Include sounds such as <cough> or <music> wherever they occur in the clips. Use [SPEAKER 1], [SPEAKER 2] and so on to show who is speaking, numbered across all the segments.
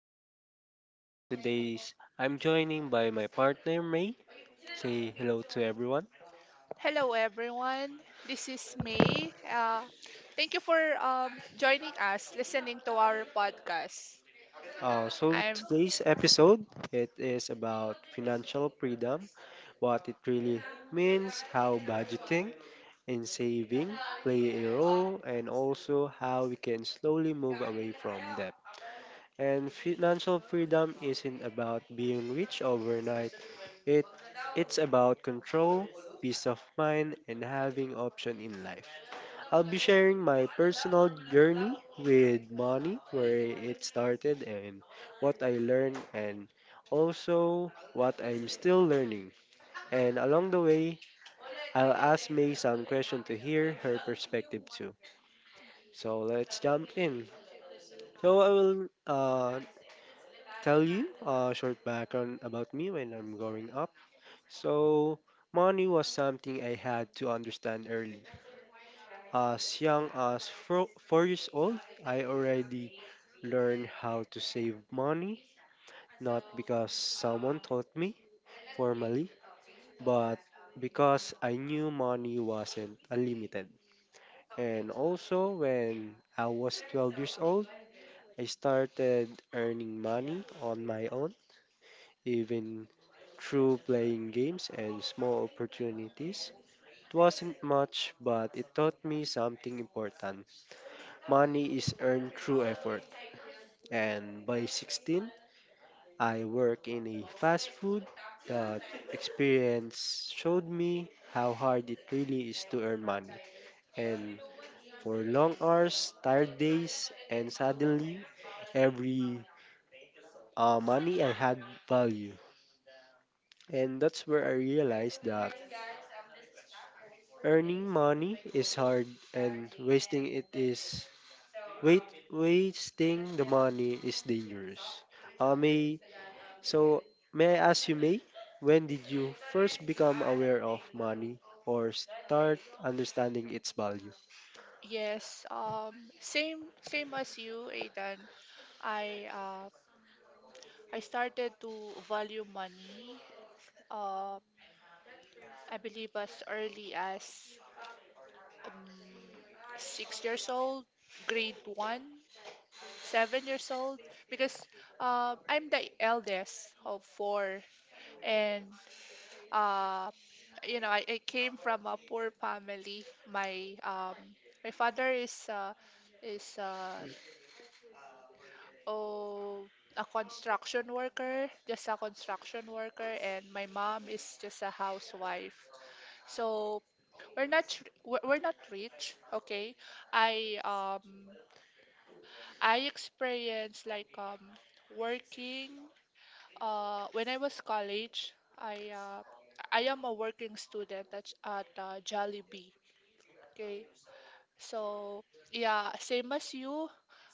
[SPEAKER 1] I'm Aidan, and today's I'm joining by my partner May. Say hello to everyone.
[SPEAKER 2] Hello, everyone. This is May. Thank you for joining us, listening to our podcast. I'm
[SPEAKER 1] Today's episode it is about financial freedom, what it really means, how budgeting and saving play a role, and also how we can slowly move away from debt. And financial freedom isn't about being rich overnight. It it's about control, peace of mind, and having option in life. I'll be sharing my personal journey with money, where it started and what I learned and also what I'm still learning. And along the way, I'll ask May some question to hear her perspective too. So let's jump in. So I will tell you a short background about me when I'm growing up. So, money was something I had to understand early. As young as four years old, I already learned how to save money, not because someone taught me formally, but because I knew money wasn't unlimited. And also, when I was 12 years old, I started earning money on my own, even through playing games and small opportunities. It wasn't much, but it taught me something important. Money is earned through effort. And by 16, I work in a fast food. That experience showed me how hard it really is to earn money. And for long hours, tired days, and suddenly every money I had value. And that's where I realized that earning money is hard and wasting it is. Wait, wasting the money is dangerous. May, so may I ask you, May, when did you first become aware of money or start understanding its value?
[SPEAKER 2] yes, same as you, Aidan. I uh, I started to value money. Uh, I believe as early as um, 6 years old, grade one, 7 years old, because I'm the eldest of four, and uh, I came from a poor family. My father is oh a construction worker, just a construction worker, and my mom is just a housewife. So we're not rich, okay? I um I experienced like working when I was college. I uh I am a working student at Jollibee. Okay. So yeah, same as you,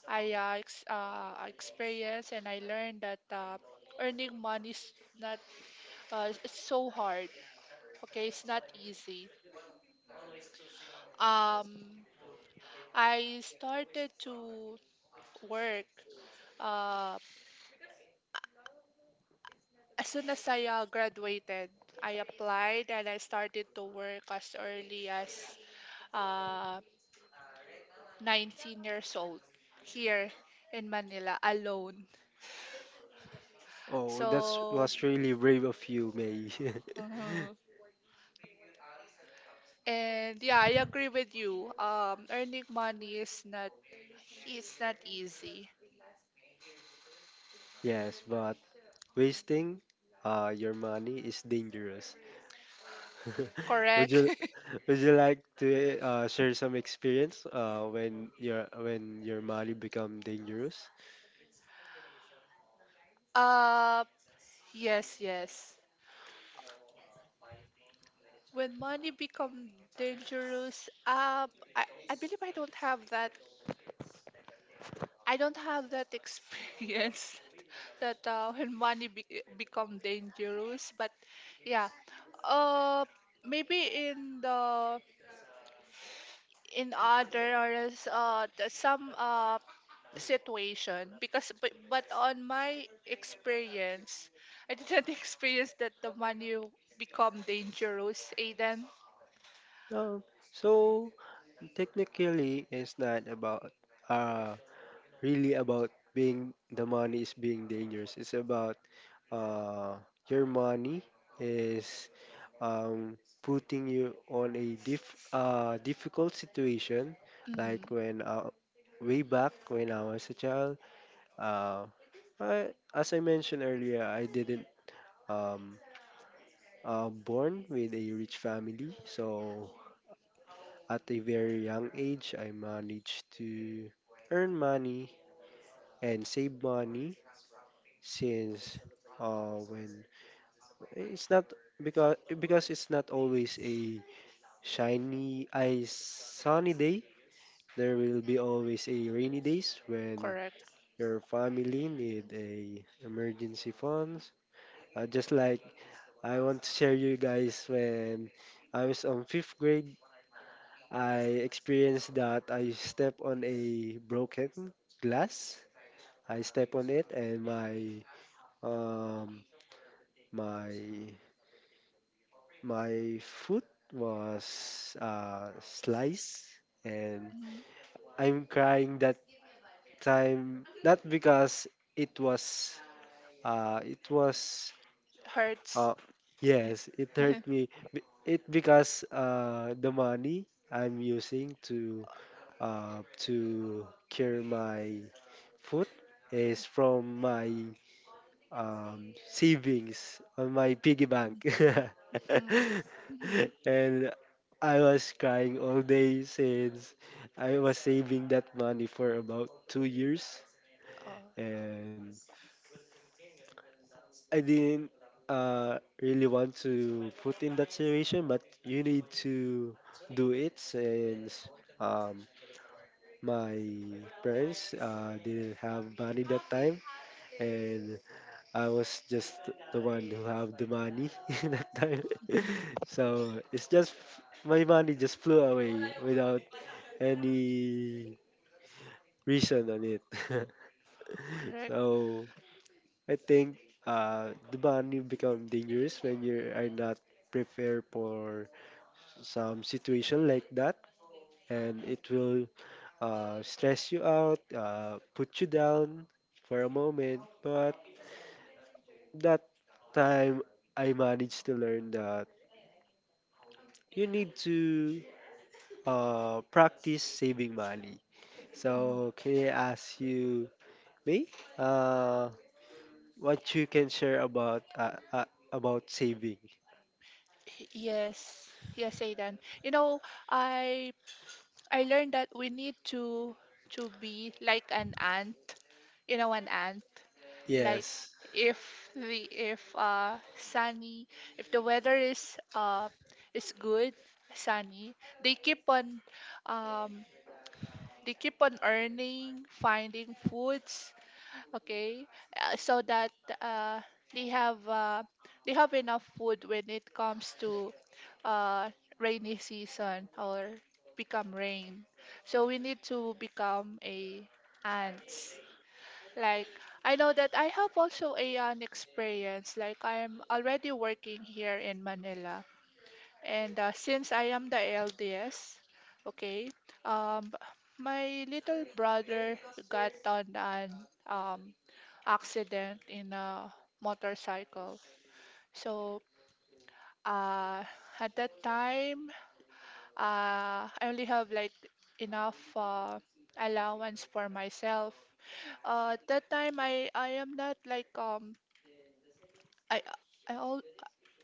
[SPEAKER 2] I experienced and I learned that earning money is not it's so hard. Okay, it's not easy. Um, I started to work uh, as soon as I graduated. I applied and I started to work as early as uh, 19 years old here in Manila alone.
[SPEAKER 1] Oh, that
[SPEAKER 2] So.
[SPEAKER 1] was really brave of you, May.
[SPEAKER 2] Mm-hmm. And yeah, I agree with you. Earning money is not easy.
[SPEAKER 1] <laughs> Yes, but wasting your money is dangerous. <laughs> would
[SPEAKER 2] Correct.
[SPEAKER 1] you
[SPEAKER 2] <laughs>
[SPEAKER 1] would you like to share some experience when your money become dangerous?
[SPEAKER 2] uh, yes, yes. When money become dangerous, I believe I don't have that. I don't have that experience <laughs> that when money become dangerous. But yeah, uh, maybe in the in other areas, some situation because but on my experience I didn't <laughs> experience that the money become dangerous, aiden
[SPEAKER 1] Um, so, technically, it's not about uh really about being the money is being dangerous. It's about uh your money is um putting you on a difficult situation, like
[SPEAKER 2] mm-hmm.
[SPEAKER 1] when way back when I was a child, uh I, as I mentioned earlier, I didn't um born with a rich family, so at a very young age I managed to earn money and save money since, when it's not because it's not always a sunny day. There will be always a rainy days when
[SPEAKER 2] Correct.
[SPEAKER 1] your family need a emergency funds. Just like I want to share you guys, when I was on fifth grade I experienced that I step on a broken glass, I step on it, and my um, My food was sliced, and
[SPEAKER 2] mm
[SPEAKER 1] I'm crying that time not because it was it was
[SPEAKER 2] hurts.
[SPEAKER 1] uh, yes, it
[SPEAKER 2] <laughs>
[SPEAKER 1] hurt me, it because the money I'm using to to cure my foot is from my savings on my piggy bank. <laughs>
[SPEAKER 2] Mm-hmm. Mm-hmm.
[SPEAKER 1] And I was crying all day since I was saving that money for about 2 years.
[SPEAKER 2] Oh,
[SPEAKER 1] And I didn't really want to put in that situation, but you need to do it since um, my parents didn't have money that time. And I was just the one who have the money <laughs> that time.
[SPEAKER 2] mhm.
[SPEAKER 1] <laughs> So it's just my money just flew away without any reason on it. <laughs>
[SPEAKER 2] Correct.
[SPEAKER 1] So I think the money become dangerous when you are not prepared for some situation like that, and it will stress you out, put you down for a moment. But that time I managed to learn that you need to practice saving money.
[SPEAKER 2] mm
[SPEAKER 1] So, can I ask you, May, uh, what you can share about about saving?
[SPEAKER 2] Yes, yes, Aidan. I I learned that we need to be like an ant, an ant. Like,
[SPEAKER 1] Yes.
[SPEAKER 2] if we if sunny, if the weather is good sunny, they keep on um earning finding foods, okay. So that uh they have uh they have enough food when it comes to uh rainy season or become rain. So we need to become a ants, like. I know that I have also an experience. Like, I'm already working here in Manila. And since I am the LDS, okay, um, my little brother got on an um, accident in a motorcycle. So, uh, at that time, I only have like enough allowance for myself that time I am not like I I all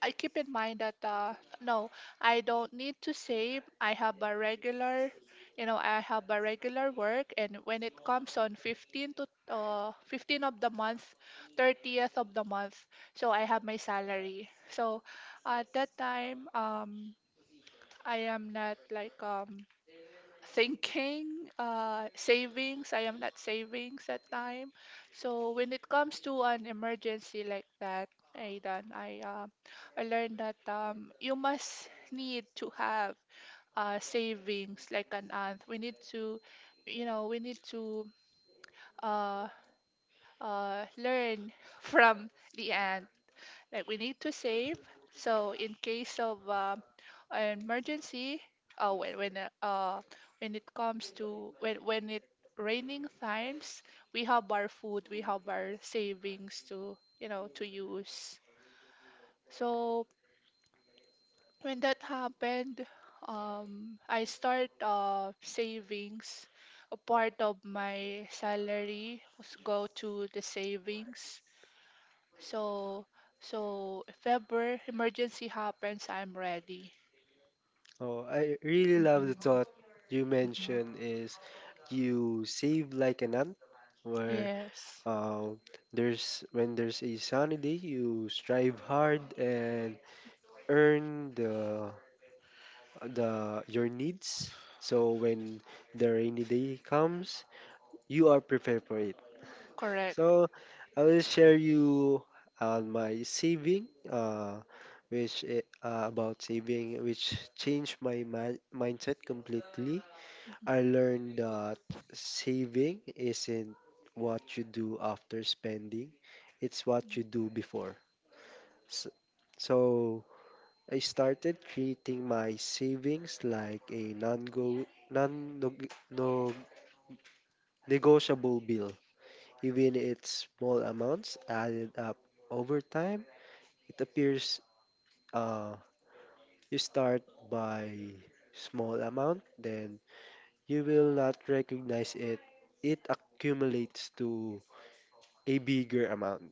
[SPEAKER 2] I keep in mind that no, I don't need to save. I have a regular, I have a regular work, and when it comes on 15 to 15 of the month, 30th of the month, so I have my salary. So at that time, I am not like thinking savings. I am not savings at time. So when it comes to an emergency like that, Aidan, I learned that you must need to have savings like an aunt. We need to, we need to uh learn <laughs> from the aunt. Like, we need to save, so in case of an emergency, uh, when when uh, uh, when it comes to, when it raining times, we have our food, we have our savings to, to use. So when that happened, I start savings. A part of my salary was go to the savings. So, so, if ever emergency happens, I'm ready.
[SPEAKER 1] Oh, I really love the
[SPEAKER 2] Mm-mm,
[SPEAKER 1] thought you
[SPEAKER 2] mm-mm.
[SPEAKER 1] mentioned is you save like an ant, where
[SPEAKER 2] Yes,
[SPEAKER 1] uh, there's when there's a sunny day, you strive hard and earn the your needs. So when the rainy day comes, you are prepared for it.
[SPEAKER 2] correct.
[SPEAKER 1] So I will share you on my saving, which I- about saving, which changed my mindset completely.
[SPEAKER 2] Mm,
[SPEAKER 1] I learned that saving isn't what you do after spending; it's what you do before. S- So I started treating my savings like a non-negotiable bill. Even its small amounts added up over time, it appears uh, you start by small amount, then you will not recognize it. It accumulates to a bigger amount.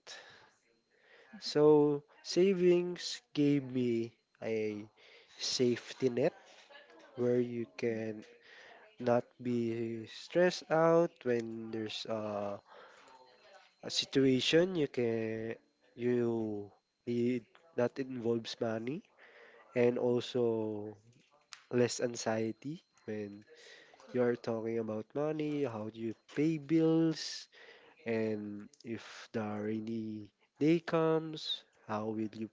[SPEAKER 1] So savings gave me a safety net where you can not be stressed out when there's a situation you need that involves money, and also less anxiety when
[SPEAKER 2] cor-
[SPEAKER 1] you are talking about money, how do you pay bills, and if the rainy day comes, how will you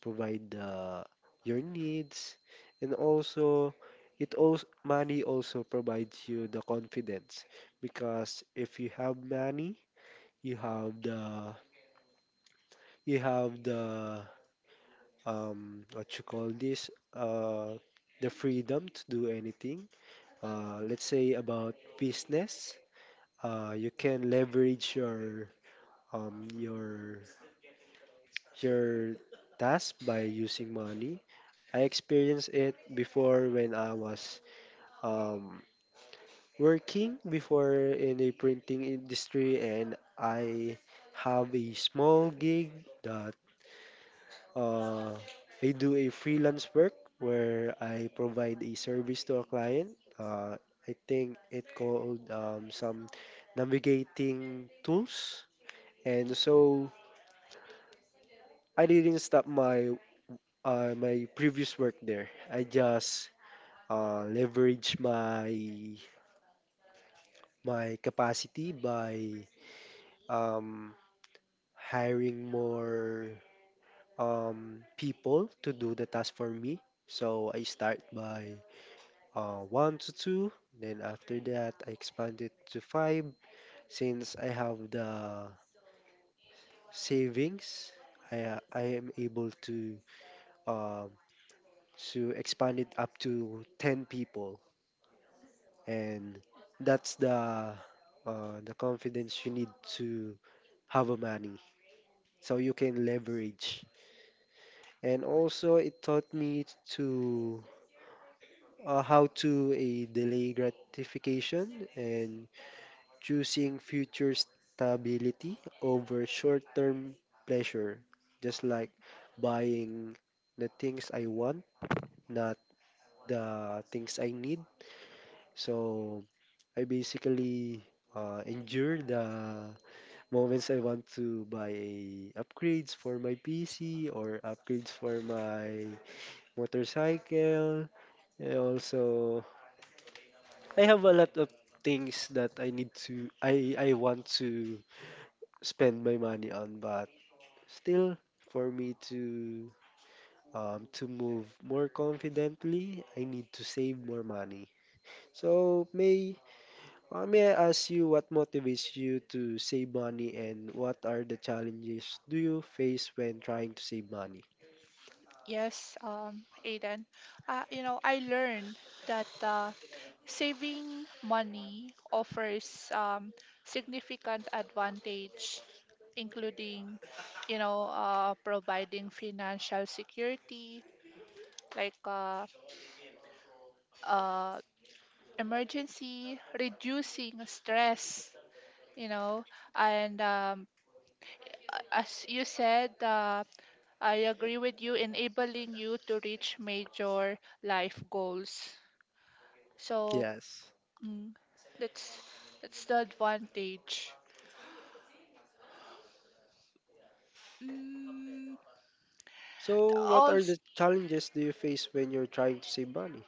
[SPEAKER 1] provide your needs. And also, it also money also provides you the confidence, because if you have money, you have the you have the what you call this, the freedom to do anything. Let's say about business, you can leverage your um your your task by using money. I experienced it before when I was um working before in a printing industry, and I have a small gig. The Uh, I do a freelance work where I provide a service to a client. I think it called some navigating tools. And so I didn't stop my previous work there. I just leverage my capacity by um, hiring more people to do the task for me. So I start by one to two. Then after that, I expanded to five since I have the savings. I am able to um, expand it up to 10 people, and that's the confidence you need to have a money so you can leverage. And also, it taught me to how to a delay gratification and choosing future stability over short term pleasure, just like buying the things I want, not the things I need. So I basically endure the moments I want to buy a upgrades for my PC or upgrades for my motorcycle. And also, I have a lot of things that I need to I want to spend my money on, but still, for me to move more confidently, I need to save more money. So, may I ask you, what motivates you to save money, and what are the challenges do you face when trying to save money?
[SPEAKER 2] Yes, Aiden. I learned that saving money offers significant advantage, including, providing financial security, like uh, emergency, reducing stress, you know. And as you said, I agree with you, enabling you to reach major life goals. So,
[SPEAKER 1] Yes.
[SPEAKER 2] mm, that's that's the advantage. Mm,
[SPEAKER 1] So what
[SPEAKER 2] all
[SPEAKER 1] are
[SPEAKER 2] s-
[SPEAKER 1] the challenges do you face when you're trying to save money?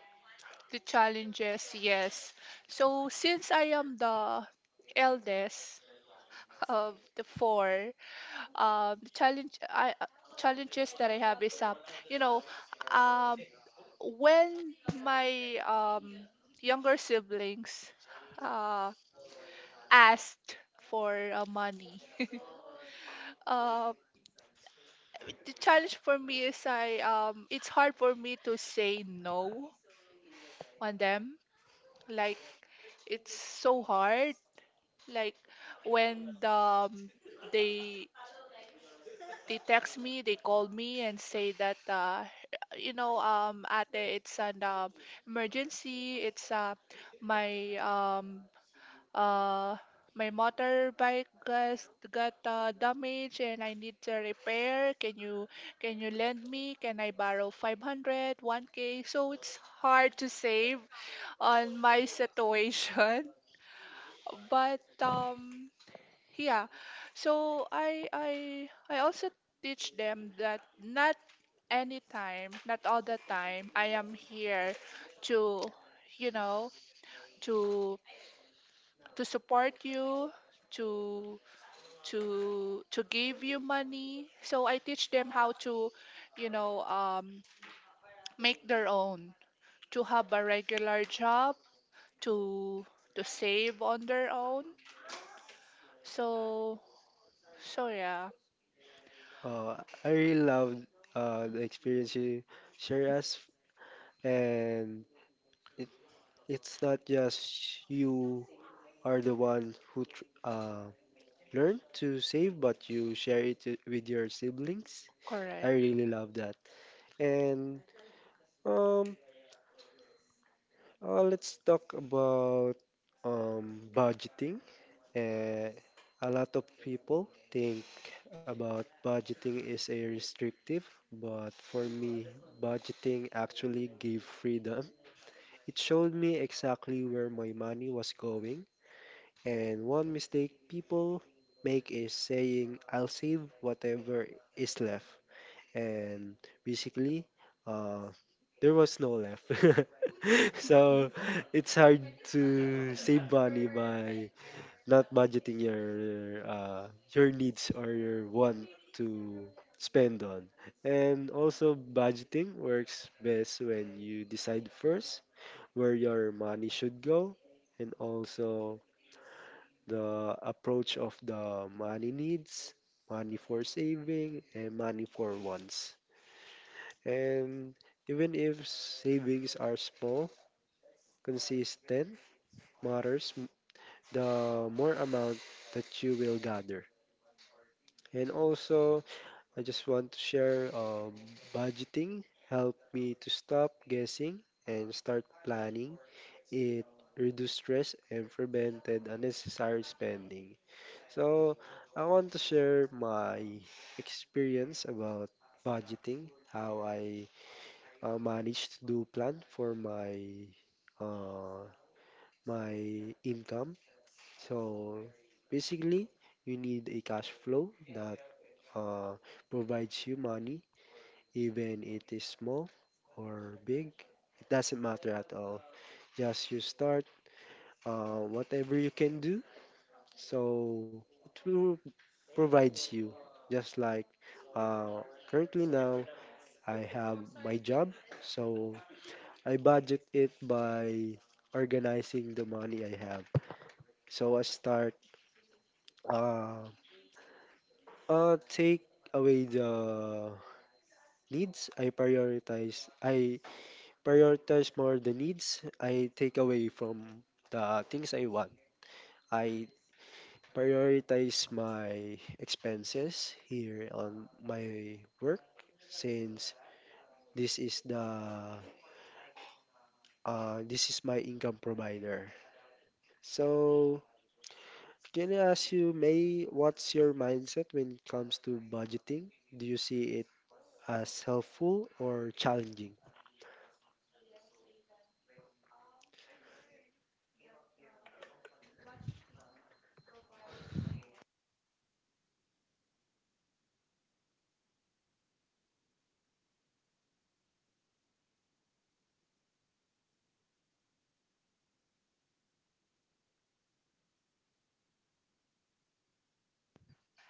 [SPEAKER 2] the challenges, yes. So since I am the eldest of the four, the challenge I challenges that I have is you know um when my younger siblings uh asked for money. <laughs> uh the challenge for me is I it's hard for me to say no on them. Like, it's so hard. Like, when they they text me, they call me and say that, ate, it's an emergency. It's my uh my motorbike got damaged and I need to repair. Can you lend me? Can I borrow 501 k? So it's hard to save on my situation. <laughs> But yeah. So I also teach them that not anytime, not all the time I am here to, you know, to support you, to to give you money. So I teach them how to, you know, um make their own, to have a regular job, to to save on their own. So so, yeah,
[SPEAKER 1] Uh, I really love the experience you share us, and it, it's not just you are the ones who learn to save, but you share with your siblings. I
[SPEAKER 2] correct.
[SPEAKER 1] really love that. And um, let's talk about budgeting. Uh, a lot of people think about budgeting is a restrictive, but for me, budgeting actually gave freedom. It showed me exactly where my money was going. And one mistake people make is saying, I'll save whatever is left. And basically, uh, there was no left. <laughs> So it's hard to save money by not budgeting your needs or your want to spend on. And also, budgeting works best when you decide first where your money should go, and also the approach of the money needs, money for saving, and money for wants. And even if savings are small, consistent matters, the more amount that you will gather. And also, I just want to share, budgeting helped me to stop guessing and start planning. It reduced stress and prevented unnecessary spending. So, I want to share my experience about budgeting, how I managed to do plan for uh, my income. So, basically, you need a cash flow that uh, provides you money, even it is small or big. It doesn't matter at all. Just you start whatever you can do. So, it will provides you. Just like, currently now, I have my job, so I budget it by organizing the money I have. So I start uh, take away the needs. I prioritize more the needs, I take away from the things I want. I prioritize my expenses here on my work, since this is the this is my income provider. So, can I ask you, May, what's your mindset when it comes to budgeting? Do you see it as helpful or challenging?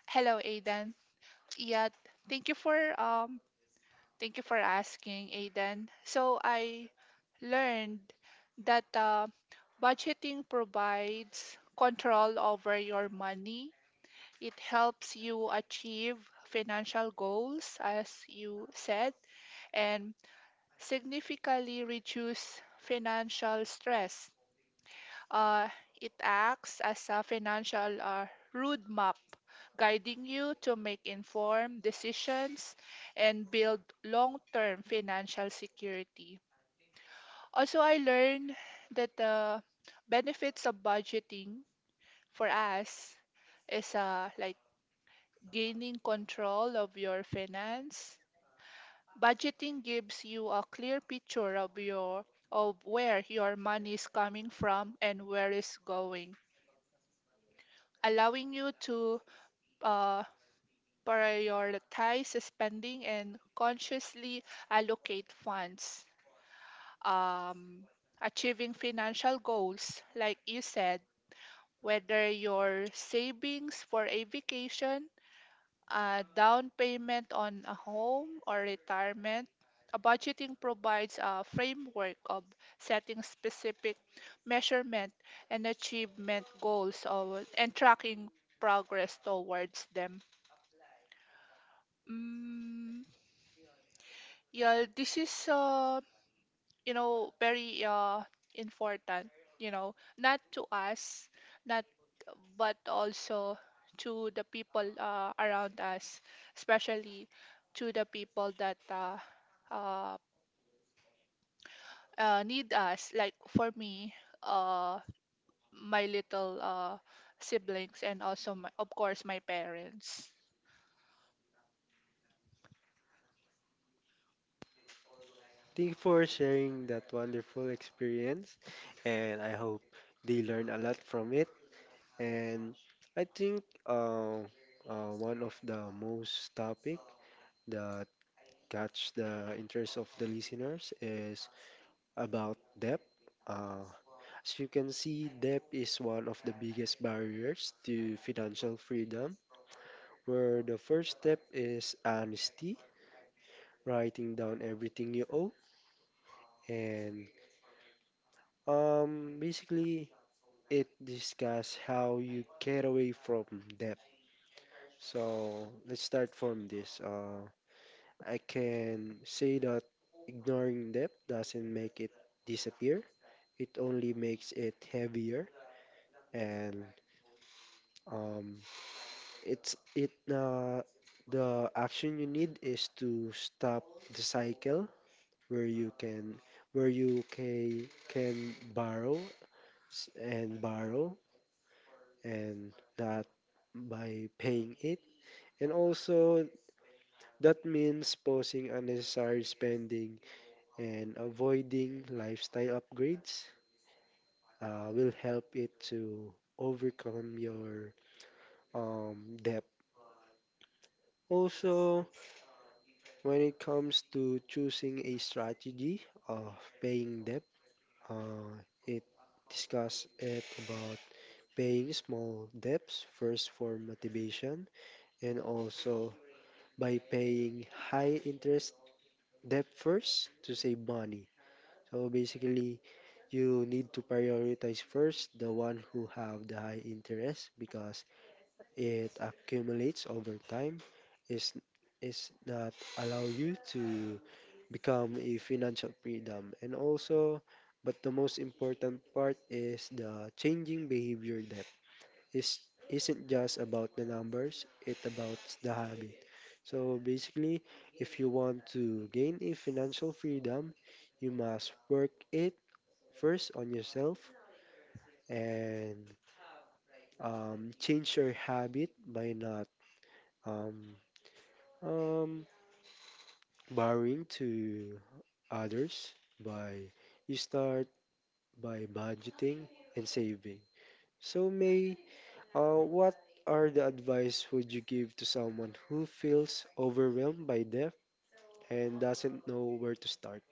[SPEAKER 2] Hello, Aidan. Yeah, thank you for um thank you for asking, Aiden. So I learned that budgeting provides control over your money. It helps you achieve financial goals, as you said, and significantly reduce financial stress. uh, it acts as a financial roadmap, guiding you to make informed decisions and build long term financial security. Also, I learned that the benefits of budgeting for us is like gaining control of your finance. Budgeting gives you a clear picture of your of where your money is coming from and where it's going, allowing you to uh, prioritize spending and consciously allocate funds. Um, Achieving financial goals, like you said, whether your savings for a vacation, a down payment on a home, or retirement. A budgeting provides a framework of setting specific measurement and achievement goals and tracking progress towards them. Mm, Yeah, this is very important, not to us, not but also to the people around us, especially to the people that uh, need us. Like for me, uh, my little siblings and also of course my parents.
[SPEAKER 1] Thank you for sharing that wonderful experience, and I hope they learn a lot from it. And I think, one of the most topic that catch the interest of the listeners is about debt. Uh, As you can see, debt is one of the biggest barriers to financial freedom, where the first step is honesty, writing down everything you owe, and basically it discuss how you get away from debt. So let's start from this. I can say that ignoring debt doesn't make it disappear. It only makes it heavier, and um, It's it the action you need is to stop the cycle, where you can borrow and borrow, and that by paying it. And also, that means pausing unnecessary spending and avoiding lifestyle upgrades will help it to overcome your debt. Also, when it comes to choosing a strategy of paying debt, uh, it discuss it about paying small debts first for motivation, and also by paying high interest debt first to save money. So basically, you need to prioritize first the one who have the high interest, because it accumulates over time is is not allow you to become a financial freedom. And also, but the most important part is the changing behavior, that is isn't just about the numbers, it about the habit. So basically, if you want to gain a financial freedom, you must work it first on yourself, and change your habit by not um, Um, borrowing to others, by you start by budgeting and saving. So May, what are the advice would you give to someone who feels overwhelmed by debt and doesn't know where to start?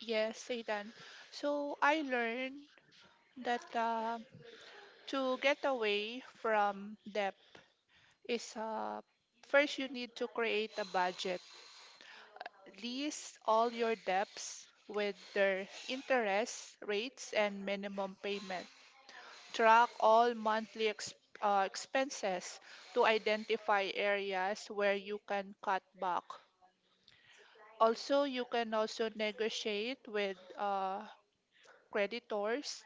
[SPEAKER 2] Yes, Satan. So I learned that to get away from debt is, first you need to create a budget. List all your debts with their interest rates and minimum payment. Track all monthly expenses to identify areas where you can cut back. Also, you can also negotiate with creditors.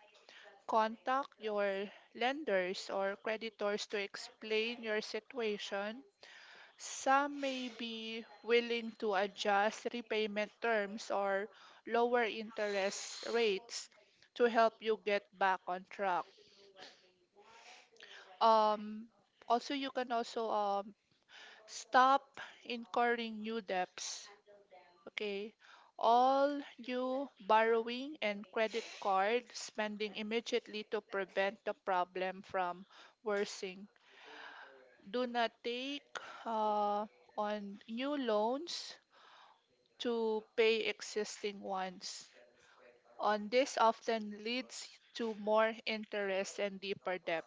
[SPEAKER 2] Contact your lenders or creditors to explain your situation. Some may be willing to adjust repayment terms or lower interest rates to help you get back on track. Um, Also, you can also stop incurring new debts. Okay. All new borrowing and credit card spending immediately to prevent the problem from worsening. Do not take uh, on new loans to pay existing ones. On this often leads to more interest and deeper debt.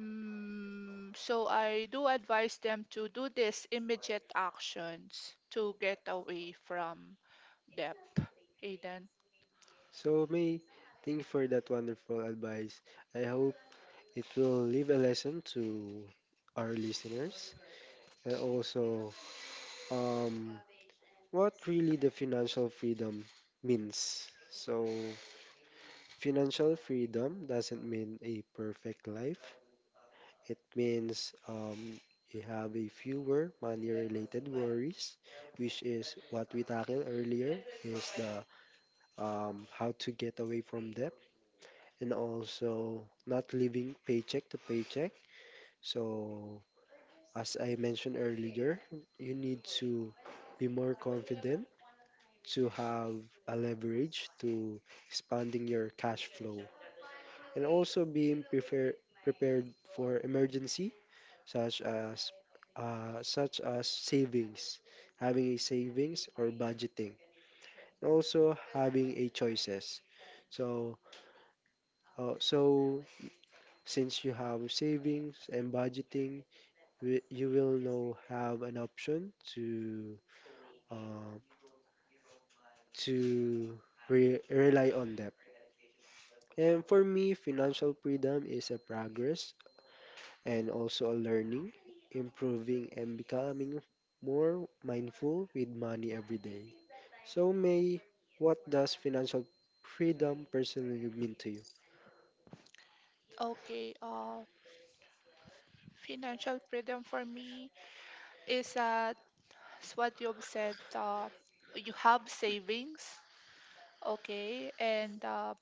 [SPEAKER 2] So I do advise them to do these immediate actions to get away from debt. Aiden.
[SPEAKER 1] So May, thank you for that wonderful advice. I hope it will leave a lesson to our listeners, and also, um, what really the financial freedom means. So financial freedom doesn't mean a perfect life. It means, you have a fewer money related worries, which is what we tackled earlier, is the how to get away from debt, and also not living paycheck to paycheck. So, as I mentioned earlier, you need to be more confident to have a leverage to expanding your cash flow, and also being prepared for emergency, such as savings, having a savings or budgeting, and also having a choices. So uh, so since you have savings and budgeting, you will now have an option to uh, to rely on that. And for me, financial freedom is a progress, and also learning, improving, and becoming more mindful with money every day. So, May, what does financial freedom personally mean to you?
[SPEAKER 2] Okay, financial freedom for me is that is what you've said, you have savings, okay, and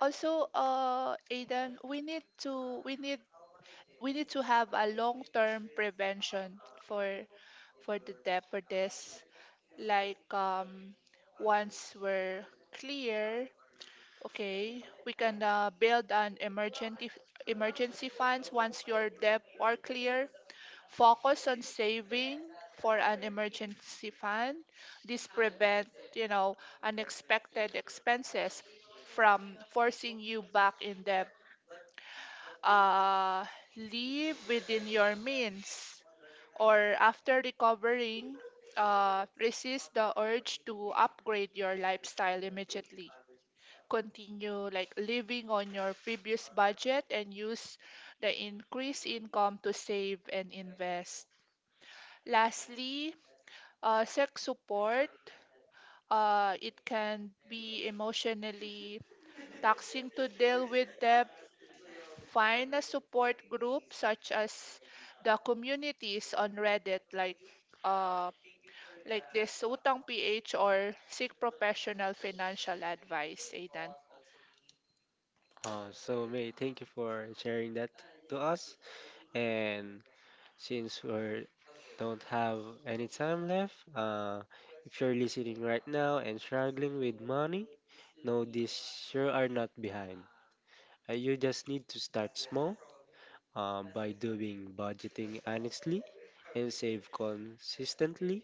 [SPEAKER 2] also, Aiden, we need to have a long-term prevention for the debt for this. Like, once we're clear, okay, we can build an emergency funds. Once your debt are clear, focus on saving for an emergency fund. This prevent, you know unexpected expenses from forcing you back in debt. uh Live within your means, or after recovering, resist the urge to upgrade your lifestyle immediately. Continue like living on your previous budget and use the increased income to save and invest. Lastly, sex support. It can be emotionally taxing to deal with debt. Find a support group such as the communities on Reddit, uh, like this Utang PH, or seek professional financial advice, Aidan.
[SPEAKER 1] So, May, thank you for sharing that to us. And since we don't have any time left, if you're listening right now and struggling with money, know this: you are not behind. You just need to start small, by doing budgeting honestly and save consistently,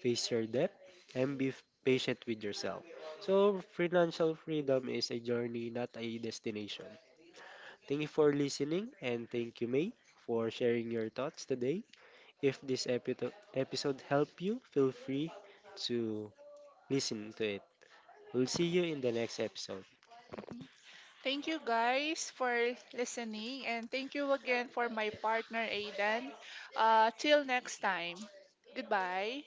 [SPEAKER 1] face your debt, and be patient with yourself. So, financial freedom is a journey, not a destination. Thank you for listening, and thank you, May, for sharing your thoughts today. If this episode helped you, feel free to listen to it. We'll see you in the next episode.
[SPEAKER 2] Mhm. Thank you guys for listening, and thank you again for my partner Aidan. Till next time. Goodbye.